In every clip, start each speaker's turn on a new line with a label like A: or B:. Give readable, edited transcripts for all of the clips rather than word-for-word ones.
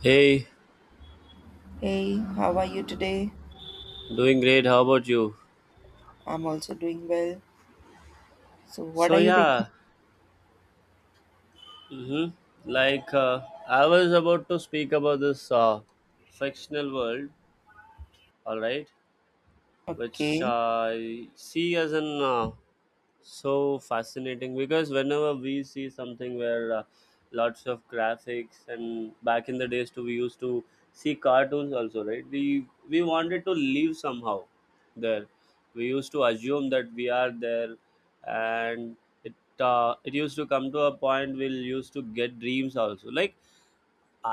A: Hey,
B: Hey, how are you today?
A: doing great. How about you?
B: I'm also doing well. So, what
A: So
B: are you thinking?
A: yeah, hmm like I was about to speak about this fictional world, all right, which
B: Okay,
A: I see as an so fascinating because whenever we see something where lots of graphics, and back in the days too we used to see cartoons also, right, we wanted to live somehow there. We used to assume that we are there, and it it used to come to a point we'll used to get dreams also. Like,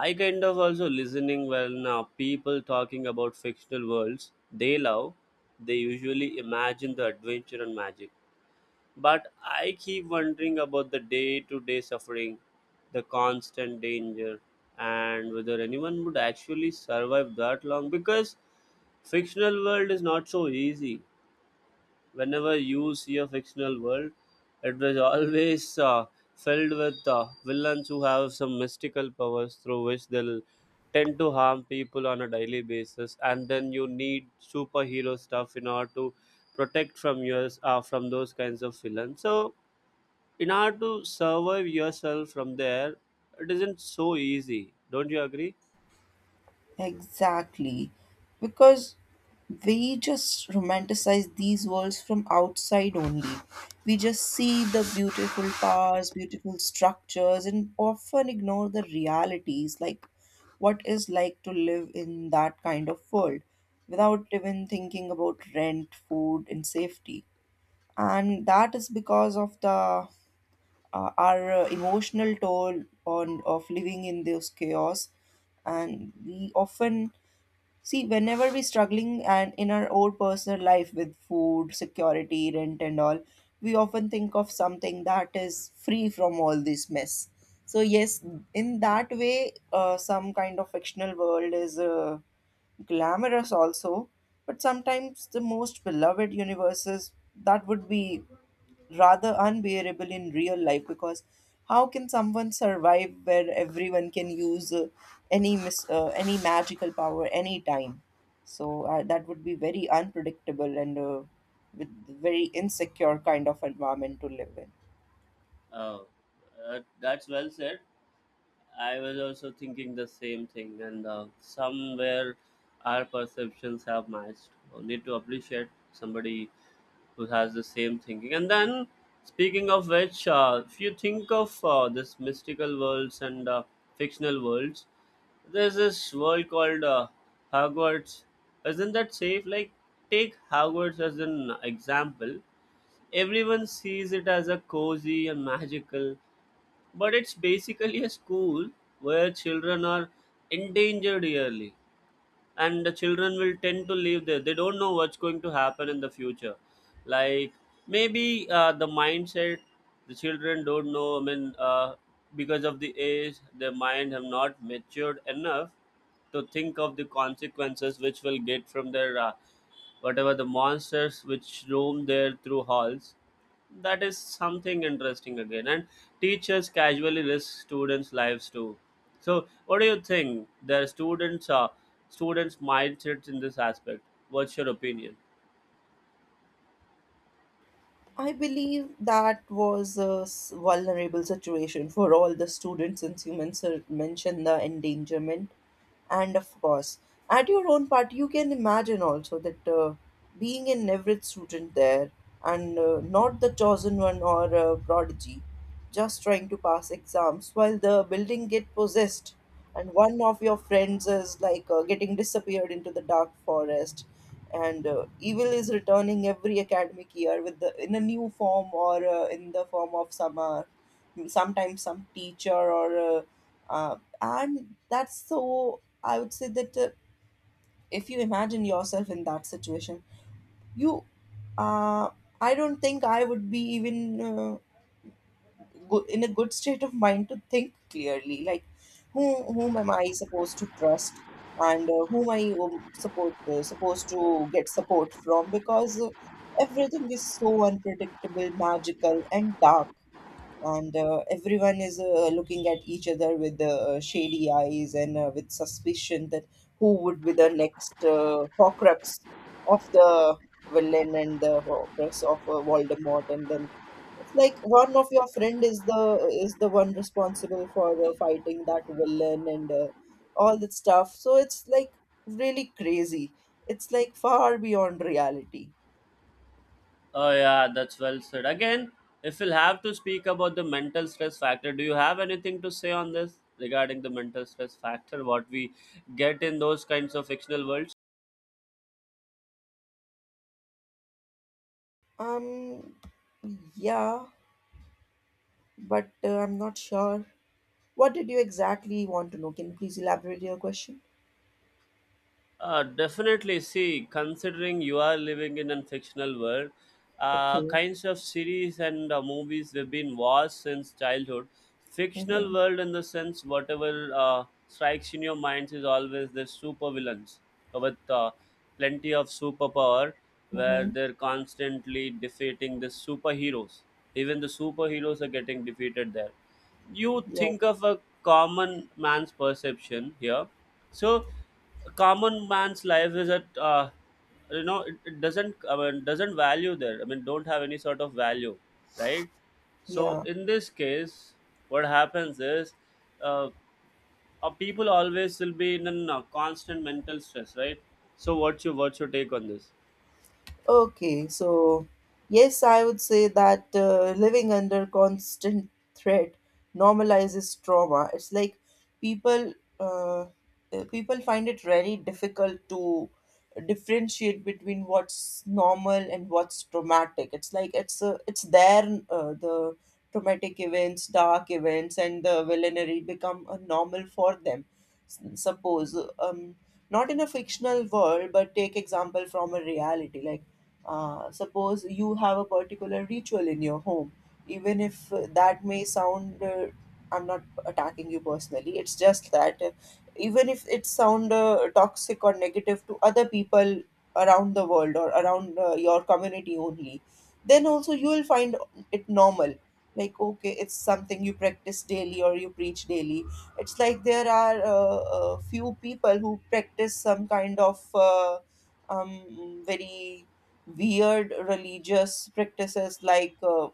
A: I kind of also listening when people talking about fictional worlds they love, they usually imagine the adventure and magic, but I keep wondering about the day to day suffering, the constant danger, and whether anyone would actually survive that long, because fictional world is not so easy. Whenever you see a fictional world, it was always filled with villains who have some mystical powers through which they'll tend to harm people on a daily basis, and then you need superhero stuff in order to protect from those kinds of villains. So in order to survive yourself from there, it isn't so easy, don't you agree?
B: exactly. Because we just romanticize these worlds from outside only. We just see the beautiful towers, beautiful structures, and often ignore the realities, like what is like to live in that kind of world without even thinking about rent, food, and safety. And that is because of the our emotional toll on of living in this chaos. And we often see, whenever we're struggling and in our own personal life with food security, rent and all, we often think of something that is free from all this mess. So yes, in that way, some kind of fictional world is glamorous also. But sometimes the most beloved universes, that would be rather unbearable in real life, because how can someone survive where everyone can use any magical power anytime? So that would be very unpredictable, and with very insecure kind of environment to live in.
A: Oh, that's well said. I was also thinking the same thing, and somewhere our perceptions have matched. We need to appreciate somebody who has the same thinking. And then, speaking of which, if you think of this mystical worlds and fictional worlds, there's this world called Hogwarts. Isn't that safe? Like, take Hogwarts as an example. Everyone sees it as a cozy and magical, but it's basically a school where children are endangered yearly, and the children will tend to live there. They don't know what's going to happen in the future. Like, maybe the mindset, the children don't know, I mean, because of the age their mind have not matured enough to think of the consequences which will get from their whatever the monsters which roam there through halls. That is something interesting again. And teachers casually risk students' lives too. So, what do you think? Their students are students' mindsets in this aspect. What's your opinion?
B: I believe that was a vulnerable situation for all the students, since you mentioned the endangerment. And of course, at your own part, you can imagine also that, being an average student there and not the chosen one or a prodigy, just trying to pass exams while the building get possessed and one of your friends is like getting disappeared into the dark forest, and evil is returning every academic year, with the in a new form, or in the form of some sometimes some teacher, or uh, and that's so, I would say that, if you imagine yourself in that situation, you uh, I don't think I would be even uh, in a good state of mind to think clearly, like whom am I supposed to trust. And whom I support supposed to get support from, because everything is so unpredictable, magical, and dark. And everyone is looking at each other with shady eyes, and with suspicion that who would be the next Horcrux of the villain, and the Horcrux of Voldemort. And then it's like one of your friend is the one responsible for fighting that villain and all that stuff. So it's like really crazy. It's like far beyond reality.
A: Oh yeah, that's well said. Again, if we'll have to speak about the mental stress factor, do you have anything to say on this regarding the mental stress factor? What we get in those kinds of fictional worlds?
B: Um, yeah, but I'm not sure. What did you exactly want to know? Can you please elaborate your question?
A: Definitely. See, considering you are living in a fictional world,
B: Okay.
A: kinds of series and movies have been watched since childhood. Fictional
B: Mm-hmm.
A: world, in the sense, whatever strikes in your minds is always the supervillains with plenty of superpower, where
B: Mm-hmm.
A: they're constantly defeating the superheroes. Even the superheroes are getting defeated there. You
B: Yeah.
A: think of a common man's perception here. So a common man's life is at it doesn't, I mean, doesn't value there. I mean, don't have any sort of value, right? So
B: Yeah.
A: in this case, what happens is, uh, people always will be in a constant mental stress, right? So what's your take on this?
B: Okay, so yes, I would say that living under constant threat normalizes trauma. It's like people, uh, people find it very difficult to differentiate between what's normal and what's traumatic. It's like it's there. The traumatic events, dark events, and the villainy become a normal for them. Suppose not in a fictional world, but take example from a reality, like suppose you have a particular ritual in your home. Even if that may sound, I'm not attacking you personally, it's just that even if it sound toxic or negative to other people around the world, or around your community only, then also you will find it normal. Like, okay, it's something you practice daily or you preach daily. It's like there are few people who practice some kind of very weird religious practices, like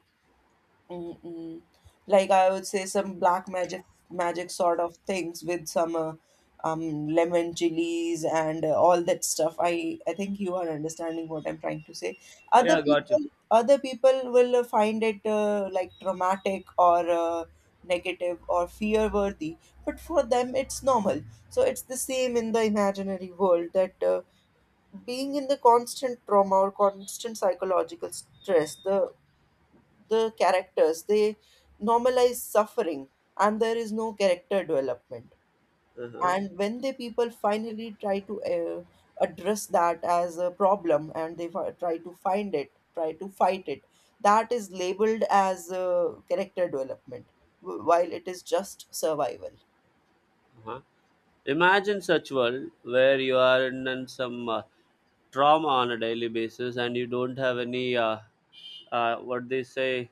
B: mm, mm, like I would say some black magic sort of things, with some lemon chilies and all that stuff. I think you are understanding what I'm trying to say. Other
A: Yeah, got you.
B: people other people will find it, like traumatic or negative or fear worthy, but for them it's normal. So it's the same in the imaginary world, that, being in the constant trauma or constant psychological stress, the characters, they normalize suffering. And there is no character development. And when the people finally try to address that as a problem, and they try to find it, try to fight it, that is labeled as character development, while it is just survival.
A: Uh-huh. Imagine such world where you are in some trauma on a daily basis and you don't have any what they say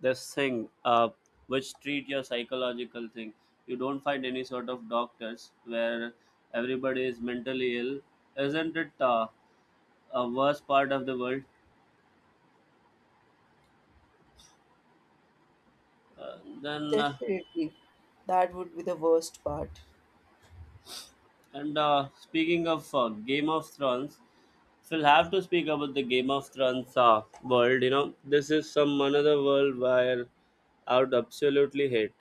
A: this thing which treat your psychological thing. You don't find any sort of doctors where everybody is mentally ill. Isn't it a worst part of the world? Then.
B: Definitely, that would be the worst part.
A: And speaking of Game of Thrones, we'll have to speak about the Game of Thrones world. This is some another world where I would absolutely hate,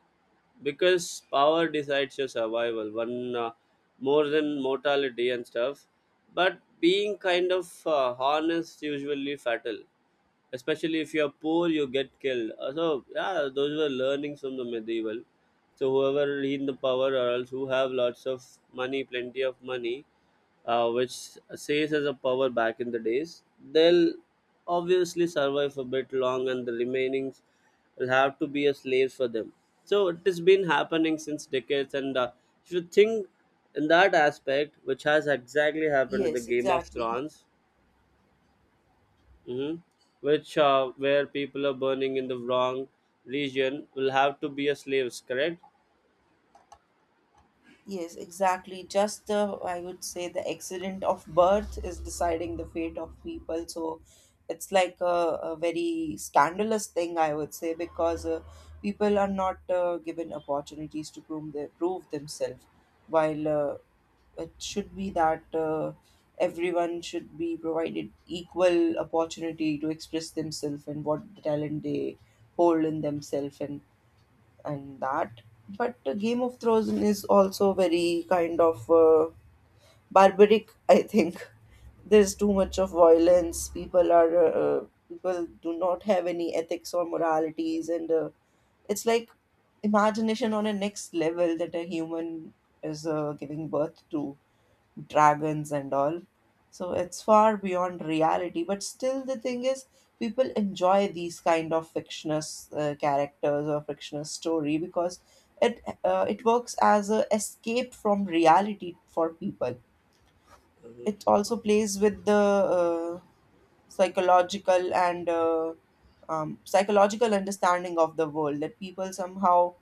A: because power decides your survival. One, more than mortality and stuff, but being kind of honest usually fatal, especially if you're poor you get killed. So yeah, those were learnings from the medieval. So whoever in the power or else who have lots of money, plenty of money, which says as a power back in the days, they'll obviously survive a bit long and the remaining will have to be a slave for them. So it has been happening since decades, and if you think in that aspect, which has exactly happened in the
B: Yes,
A: game of
B: exactly.
A: thrones. hmm which, where people are burning in the wrong region will have to be a slaves, correct?
B: Yes, exactly. Just the, I would say, the accident of birth is deciding the fate of people. So it's like a very scandalous thing, I would say, because people are not given opportunities to prove themselves. While it should be that, everyone should be provided equal opportunity to express themselves and what the talent they hold in themselves, and that. But Game of Thrones is also very kind of barbaric. I think there's too much of violence. People are people do not have any ethics or moralities, and it's like imagination on a next level, that a human is giving birth to dragons and all. So it's far beyond reality, but still the thing is, people enjoy these kind of fictitious characters or fictitious story, because it works as a escape from reality for people.
A: Mhm.
B: It also plays with the psychological and psychological understanding of the world, that people somehow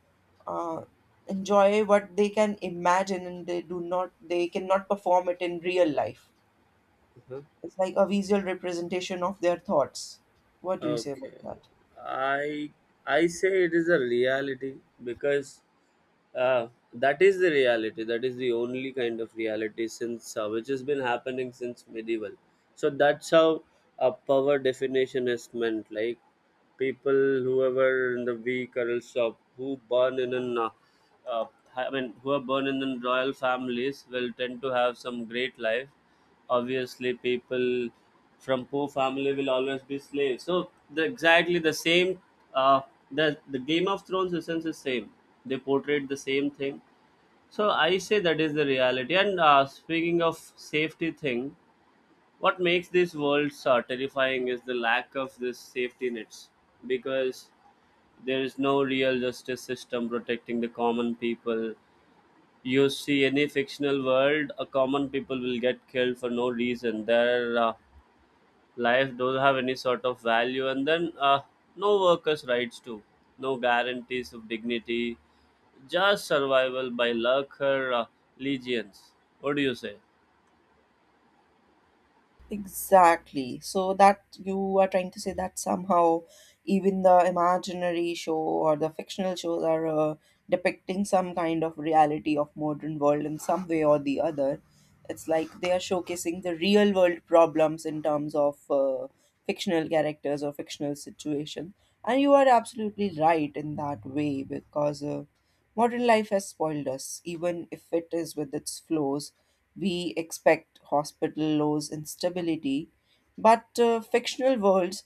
B: uh, enjoy what they can imagine, and they do not, they cannot perform it in real life.
A: Mhm.
B: It's like a visual representation of their thoughts. What do you say about
A: Okay.
B: that?
A: I I say it is a reality, because uh, that is the reality. That is the only kind of reality, since which has been happening since medieval. So that's how a power definition is meant. Like, people, whoever in the weak or else who born in an uh, I mean, who are born in the royal families will tend to have some great life. Obviously, people from poor family will always be slaves, so the exactly the same. uh, the game of thrones essence is same. They portrayed the same thing. So I say that is the reality. And speaking of safety thing, what makes this world terrifying is the lack of this safety nets, because there is no real justice system protecting the common people. You see any fictional world, a common people will get killed for no reason there. Life don't have any sort of value, and then no workers rights too, no guarantees of dignity, just survival by luck or legions. What do you say?
B: Exactly. So that you are trying to say that somehow, even the imaginary show or the fictional shows are depicting some kind of reality of modern world in some way or the other. It's like they are showcasing the real world problems in terms of fictional characters or fictional situation. And you are absolutely right in that way, because modern life has spoiled us. Even if it is with its flaws, we expect hospital laws and stability, but fictional worlds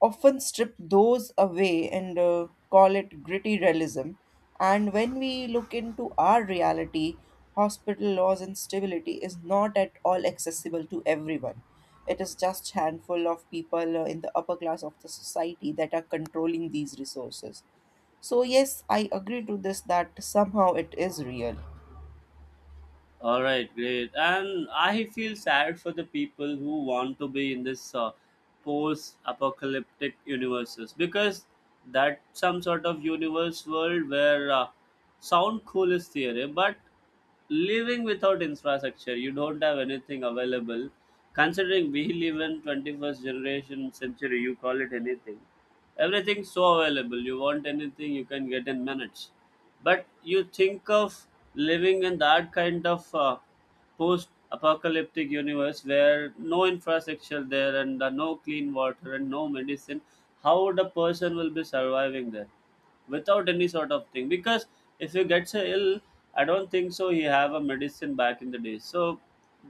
B: often strip those away and call it gritty realism. And when we look into our reality, hospital laws and stability is not at all accessible to everyone. It is just handful of people in the upper class of the society that are controlling these resources. So yes, I agree to this that somehow it is real.
A: All right, great. And I feel sad for the people who want to be in this post-apocalyptic universes, because that's some sort of universe world where sound cool is theory, but living without infrastructure, you don't have anything available. Considering we live in 21st generation century, you call it anything. Everything's so available. You want anything, you can get in minutes, but you think of living in that kind of post-apocalyptic universe where no infrastructure there and no clean water and no medicine. How the person will be surviving there? Without any sort of thing, because if he gets ill, I don't think so he have a medicine back in the day. So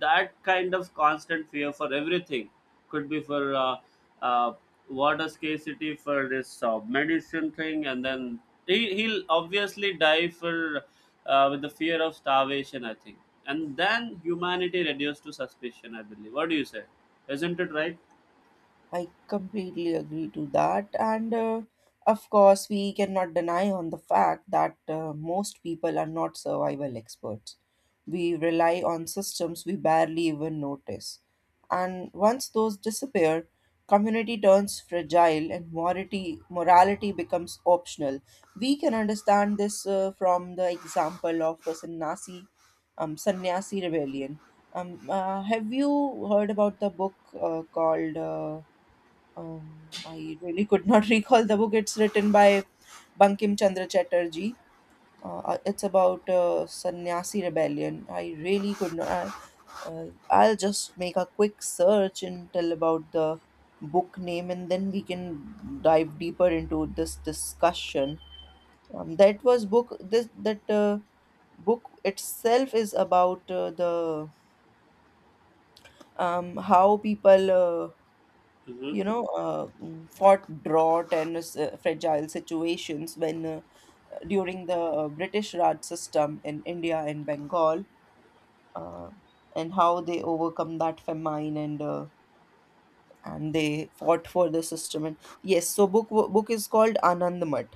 A: that kind of constant fear for everything could be for uh, water scarcity, for this medicine thing, and then he'll obviously die for with the fear of starvation, I think. And then humanity reduced to suspicion, I believe. What do you say? Isn't it right?
B: I completely agree to that. And of course, we cannot deny on the fact that most people are not survival experts. We rely on systems we barely even notice. And once those disappear, community turns fragile, and morality becomes optional. We can understand this from the example of the sannyasi rebellion. Have you heard about the book called, I really could not recall the book. It's written by Bankim Chandra Chatterjee. It's about Sannyasi Rebellion. I really could not. I'll just make a quick search and tell about the book name, and then we can dive deeper into this discussion. That was book. This that book itself is about, the how people,
A: Hmm.
B: fought drought and fragile situations, when during the British Raj system in India and Bengal, uh, and how they overcome that famine, and they fought for the system. And yes, so book is called Anand Math.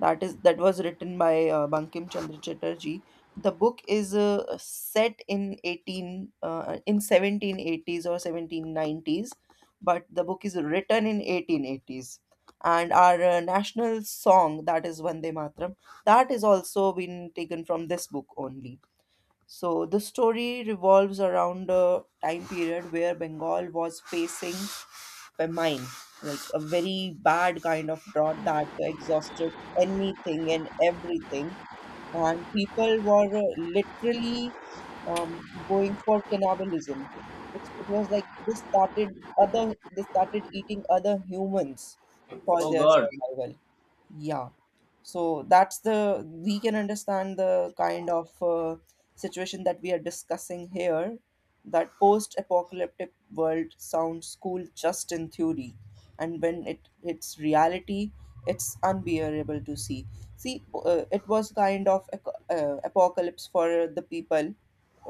B: That is, that was written by Bankim Chandra Chatterjee. The book is set in 1780s or 1790s, but the book is written in 1880s. And our national song, that is Vande Matram, that is also been taken from this book only. So the story revolves around a time period where Bengal was facing famine, like a very bad kind of drought that exhausted anything and everything. And people were literally going for cannibalism. It's, it was like they started eating other humans for
A: Oh
B: their
A: God.
B: survival. Yeah, so that's the, we can understand the kind of situation that we are discussing here, that post apocalyptic world sounds cool just in theory, and when it hits reality, it's unbearable to see. It was kind of apocalypse for the people,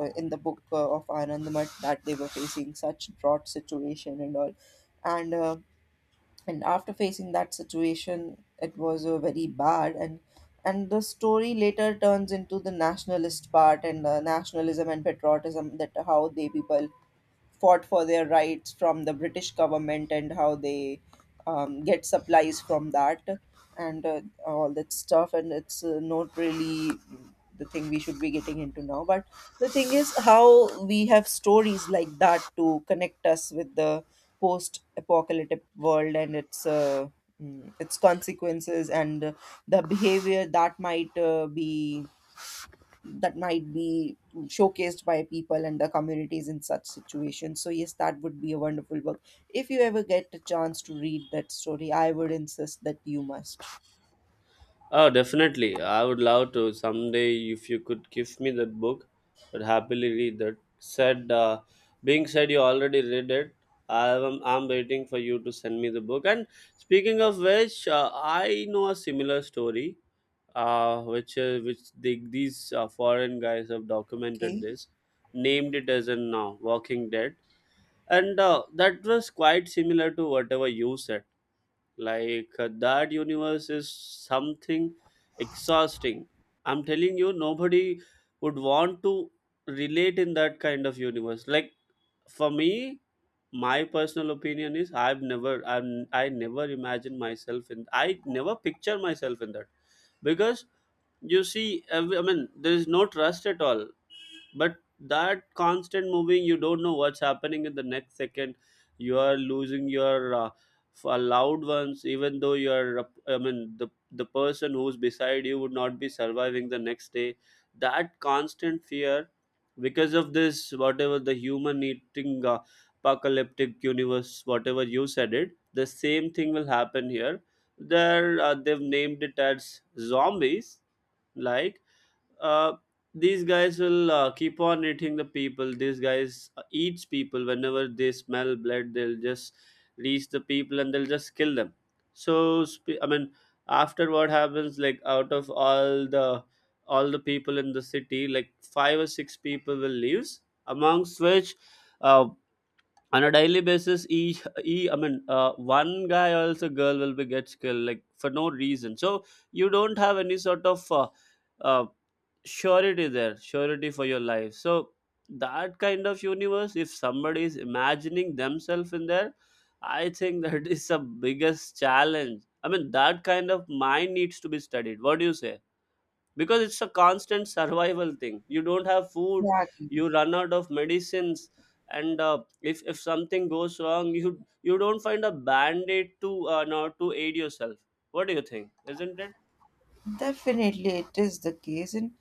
B: in the book of Anandamat, that they were facing such drought situation and all. and uh, and after facing that situation, it was a very bad. And the story later turns into the nationalist part, and nationalism and patriotism, that how they people fought for their rights from the British government, and how they get supplies from that, and all that stuff. And it's not really the thing we should be getting into now. But the thing is, how we have stories like that to connect us with the post apocalyptic world and its. Its consequences and the behavior that might be that might be showcased by people and the communities in such situations. So, yes, that would be a wonderful book. If you ever get a chance to read that story, I would insist that you must.
A: Oh, definitely. I would love to someday if you could give me that book. I'd happily read that. Said, being said, you already read it. I'm waiting for you to send me the book. And speaking of which, I know a similar story, which these foreign guys have documented
B: Okay,
A: this, named it as in Walking Dead, and that was quite similar to whatever you said. Like, that universe is something exhausting. I'm telling you, nobody would want to relate in that kind of universe. Like, for me, my personal opinion is, I never picture myself in that, because you see I mean there is no trust at all. But that constant moving, you don't know what's happening in the next second. You are losing your loved ones, even though you are I mean the person who's beside you would not be surviving the next day. That constant fear, because of this whatever the human eating apocalyptic universe, whatever you said, it the same thing will happen here. There they've named it as zombies. Like, uh, these guys will keep on eating the people. These guys eats people whenever they smell blood. They'll just reach the people and they'll just kill them. So I mean, after what happens, like out of all the people in the city, like five or six people will leaves. Amongst which, uh, on a daily basis each, e I mean, one guy or else a girl will be get killed like for no reason. So you don't have any sort of uh, surety for your life. So that kind of universe, if somebody is imagining themselves in there, I think that is the biggest challenge. I mean, that kind of mind needs to be studied. What do you say? Because it's a constant survival thing, you don't have food,
B: exactly.
A: you run out of medicines. And if something goes wrong, you don't find a band-aid to not to aid yourself. What do you think? Isn't it?
B: Definitely, it is the case, and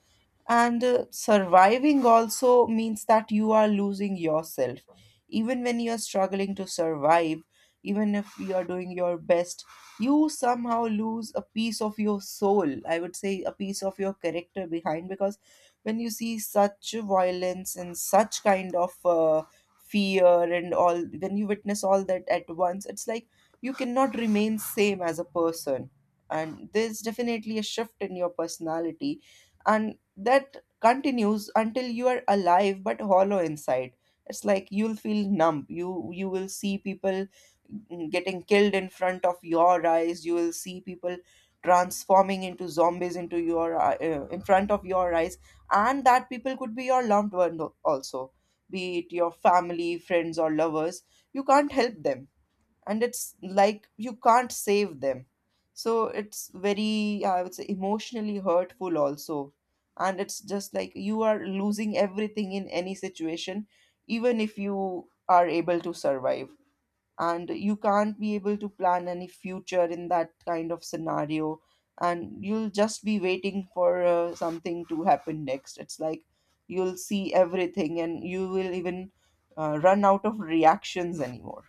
B: surviving also means that you are losing yourself. Even when you are struggling to survive, even if you are doing your best, you somehow lose a piece of your soul. I would say a piece of your character behind, because when you see such violence and such kind of fear and all, when you witness all that at once, it's like you cannot remain same as a person, and there's definitely a shift in your personality, and that continues until you are alive but hollow inside. It's like you'll feel numb. You will see people getting killed in front of your eyes. You will see people transforming into zombies into your in front of your eyes. And that people could be your loved one also, be it your family, friends, or lovers. You can't help them, and it's like you can't save them. So it's very, I would say, emotionally hurtful also. And it's just like you are losing everything in any situation, even if you are able to survive. And you can't be able to plan any future in that kind of scenario, and you'll just be waiting for something to happen next. It's like you'll see everything, and you will even run out of reactions anymore.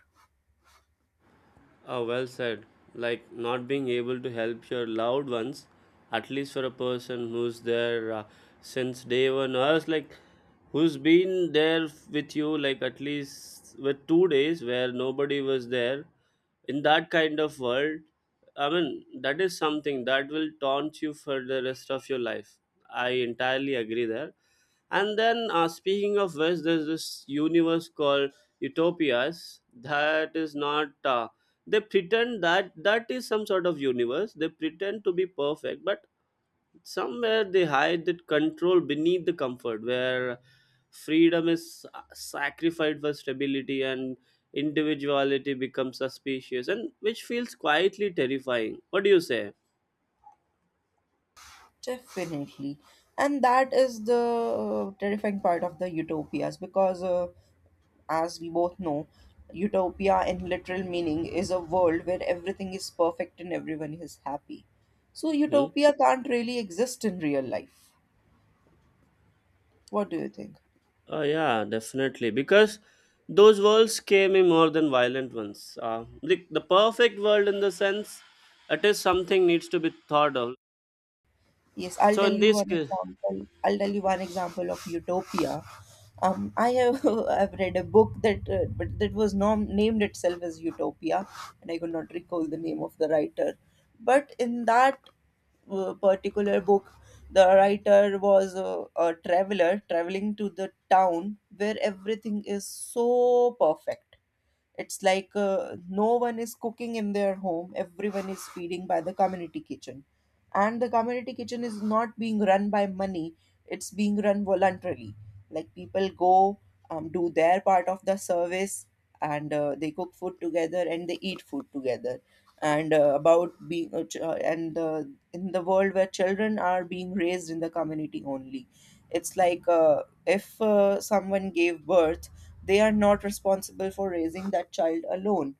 A: Oh, well said. Like, not being able to help your loved ones, at least for a person who's there since day one, or else like who's been there with you, like at least with 2 days where nobody was there. In that kind of world, I mean, that is something that will taunt you for the rest of your life. I entirely agree there. And then, speaking of which, there's this universe called Utopias that is not. They pretend that is some sort of universe, they pretend to be perfect, but somewhere they hide that control beneath the comfort, where freedom is sacrificed for stability and individuality becomes suspicious, and which feels quietly terrifying. What do you say?
B: Definitely. And that is the terrifying part of the utopias, because as we both know, utopia in literal meaning is a world where everything is perfect and everyone is happy. So,
A: Hmm?
B: utopia can't really exist in real life. What do you think?
A: Oh, yeah, definitely, because those worlds scare me more than violent ones, like the perfect world in the sense, it is something needs to be thought of.
B: Yes, I'll
A: So
B: tell
A: in
B: you
A: this
B: one
A: case,
B: example. I'll tell you one example of utopia. I have I've read a book that but that was named itself as Utopia, and I could not recall the name of the writer. But in that particular book, the writer was a traveler traveling to the town where everything is so perfect. It's like no one is cooking in their home, everyone is feeding by the community kitchen. And the community kitchen is not being run by money, it's being run voluntarily. Like people go, do their part of the service, and they cook food together and they eat food together. And in the world where children are being raised in the community only, it's like if someone gave birth, they are not responsible for raising that child alone.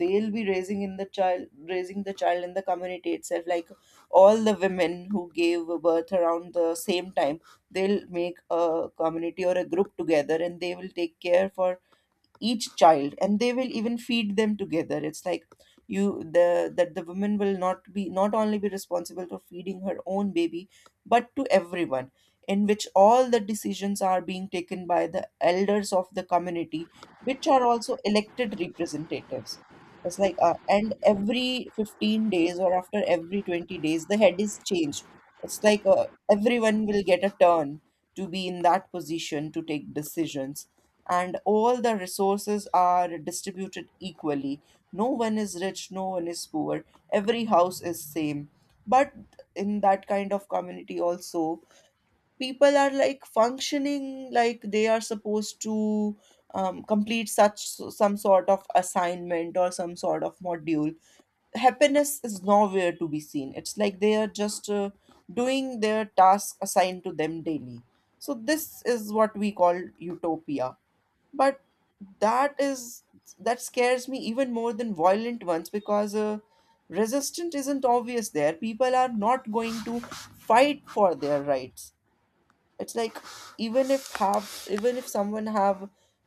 B: They'll be raising in the child Raising the child in the community itself, like all the women who gave birth around the same time, they'll make a community or a group together, and they will take care for each child, and they will even feed them together. It's like you the that the woman will not only be responsible for feeding her own baby, but to everyone. In which all the decisions are being taken by the elders of the community, which are also elected representatives. It's like and every 15 days or after every 20 days the head is changed. It's like everyone will get a turn to be in that position to take decisions, and all the resources are distributed equally. No one is rich, no one is poor, every house is same. But in that kind of community also, people are like functioning like they are supposed to complete such some sort of assignment or some sort of module. Happiness is nowhere to be seen. It's like they are just doing their task assigned to them daily. So this is what we call utopia. But that is, that scares me even more than violent ones, because resistance isn't obvious there. People are not going to fight for their rights. It's like, even if have even if someone have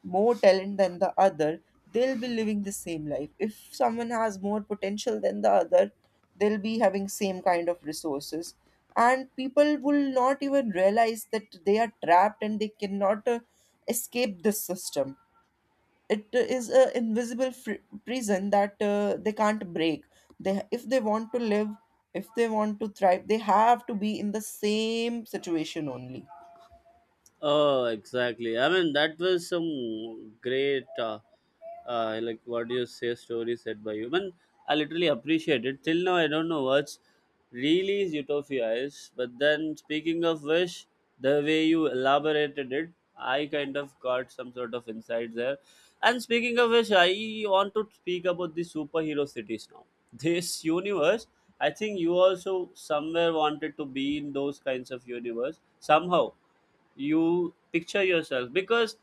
B: more talent than the other, they'll be living the same life. If someone has more potential than the other, they'll be having same kind of resources. And people will not even realize that they are trapped, and they cannot escape this system. It is a invisible prison that they can't break. They If they want to live, if they want to thrive, they have to be in the same situation only.
A: oh, exactly. I mean, that was some great, like, what do you say, story said by you. Man, I literally appreciate it. Till now, I don't know what's really Utopia is. But then, speaking of which, the way you elaborated it, I kind of got some sort of insight there. And speaking of which, I want to speak about the superhero cities now. This universe, I think you also somewhere wanted to be in those kinds of universe somehow, you picture yourself, because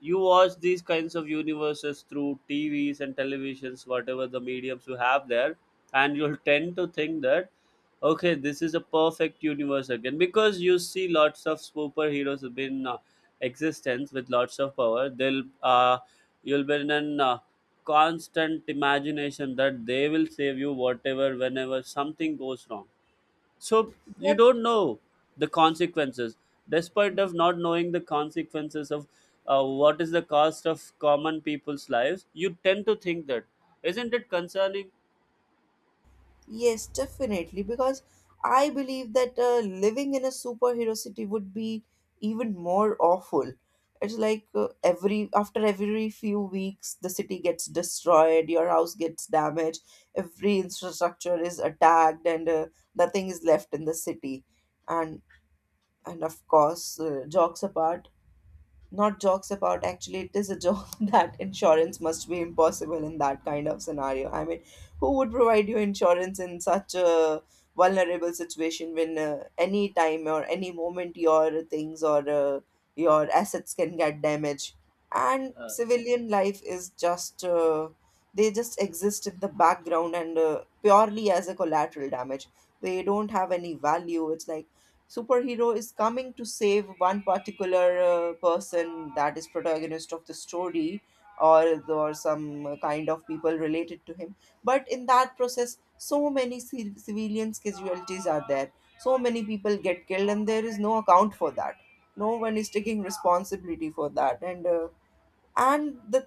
A: you watch these kinds of universes through TVs and televisions, whatever the mediums you have there, and you'll tend to think that, okay, this is a perfect universe again, because you see lots of superheroes have been existence with lots of power. They'll you'll be in an constant imagination that they will save you whatever, whenever something goes wrong, so you
B: But
A: don't know the consequences. Despite of not knowing the consequences of what is the cost of common people's lives, you tend to think that, isn't it concerning?
B: yes, definitely, because I believe that living in a superhero city would be even more awful. It's like every after every few weeks, the city gets destroyed, your house gets damaged, every infrastructure is attacked, and nothing is left in the city. And of course, jokes apart, not jokes apart, actually it is a joke that insurance must be impossible in that kind of scenario. I mean, who would provide you insurance in such a vulnerable situation, when any time or any moment your things or your assets can get damaged. And
A: uh,
B: civilian life is just they just exist in the background and purely as a collateral damage. They don't have any value. It's like superhero is coming to save one particular person, that is protagonist of the story, or some kind of people related to him. But in that process, so many civilians casualties are there. So many people get killed and there is no account for that. No one is taking responsibility for that. And and the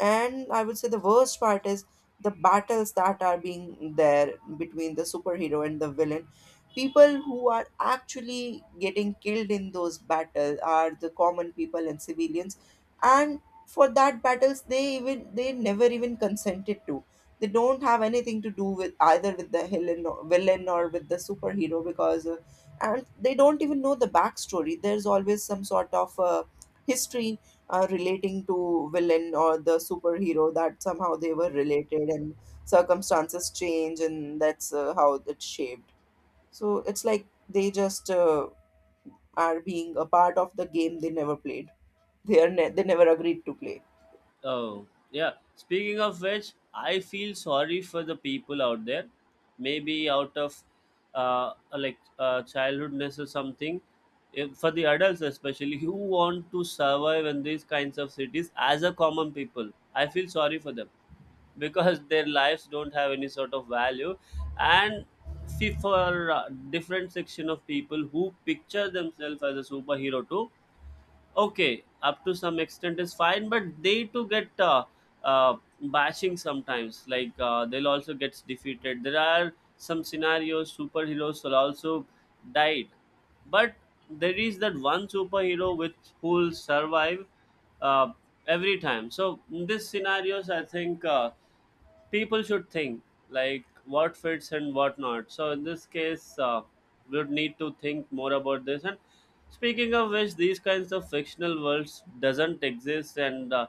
B: and I would say the worst part is the battles that are being there between the superhero and the villain. People who are actually getting killed in those battles are the common people and civilians. And for that battles, they even they never even consented to. They don't have anything to do with either with the villain, or with the superhero, because and they don't even know the backstory. There's always some sort of history relating to villain or the superhero, that somehow they were related, and circumstances change, and that's how it's shaped. So it's like they just are being a part of the game they never played. They never agreed to play.
A: Oh, yeah. Speaking of which, I feel sorry for the people out there. Maybe out of like childhoodness or something, if, for the adults especially, who want to survive in these kinds of cities as a common people. I feel sorry for them, because their lives don't have any sort of value. And see, for different section of people who picture themselves as a superhero too, okay, up to some extent is fine, but they too get uh, bashing sometimes, like they'll also get defeated. There are some scenarios superheroes will also died. But there is that one superhero which, who will survive, uh, every time. So in this scenarios, I think people should think like what fits and what not. So in this case, we would need to think more about this. And speaking of which, these kinds of fictional worlds doesn't exist, and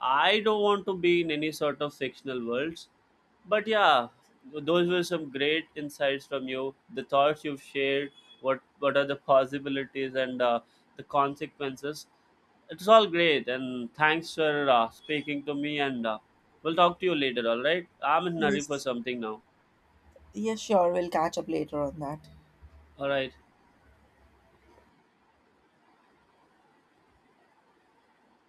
A: I don't want to be in any sort of fictional worlds. But yeah, those were some great insights from you, the thoughts you've shared, what are the possibilities and the consequences. It's all great, and thanks for speaking to me. And we'll talk to you later. All right. I'm in a hurry for
B: Yes,
A: something now.
B: yes, sure, we'll catch up later on that.
A: All right.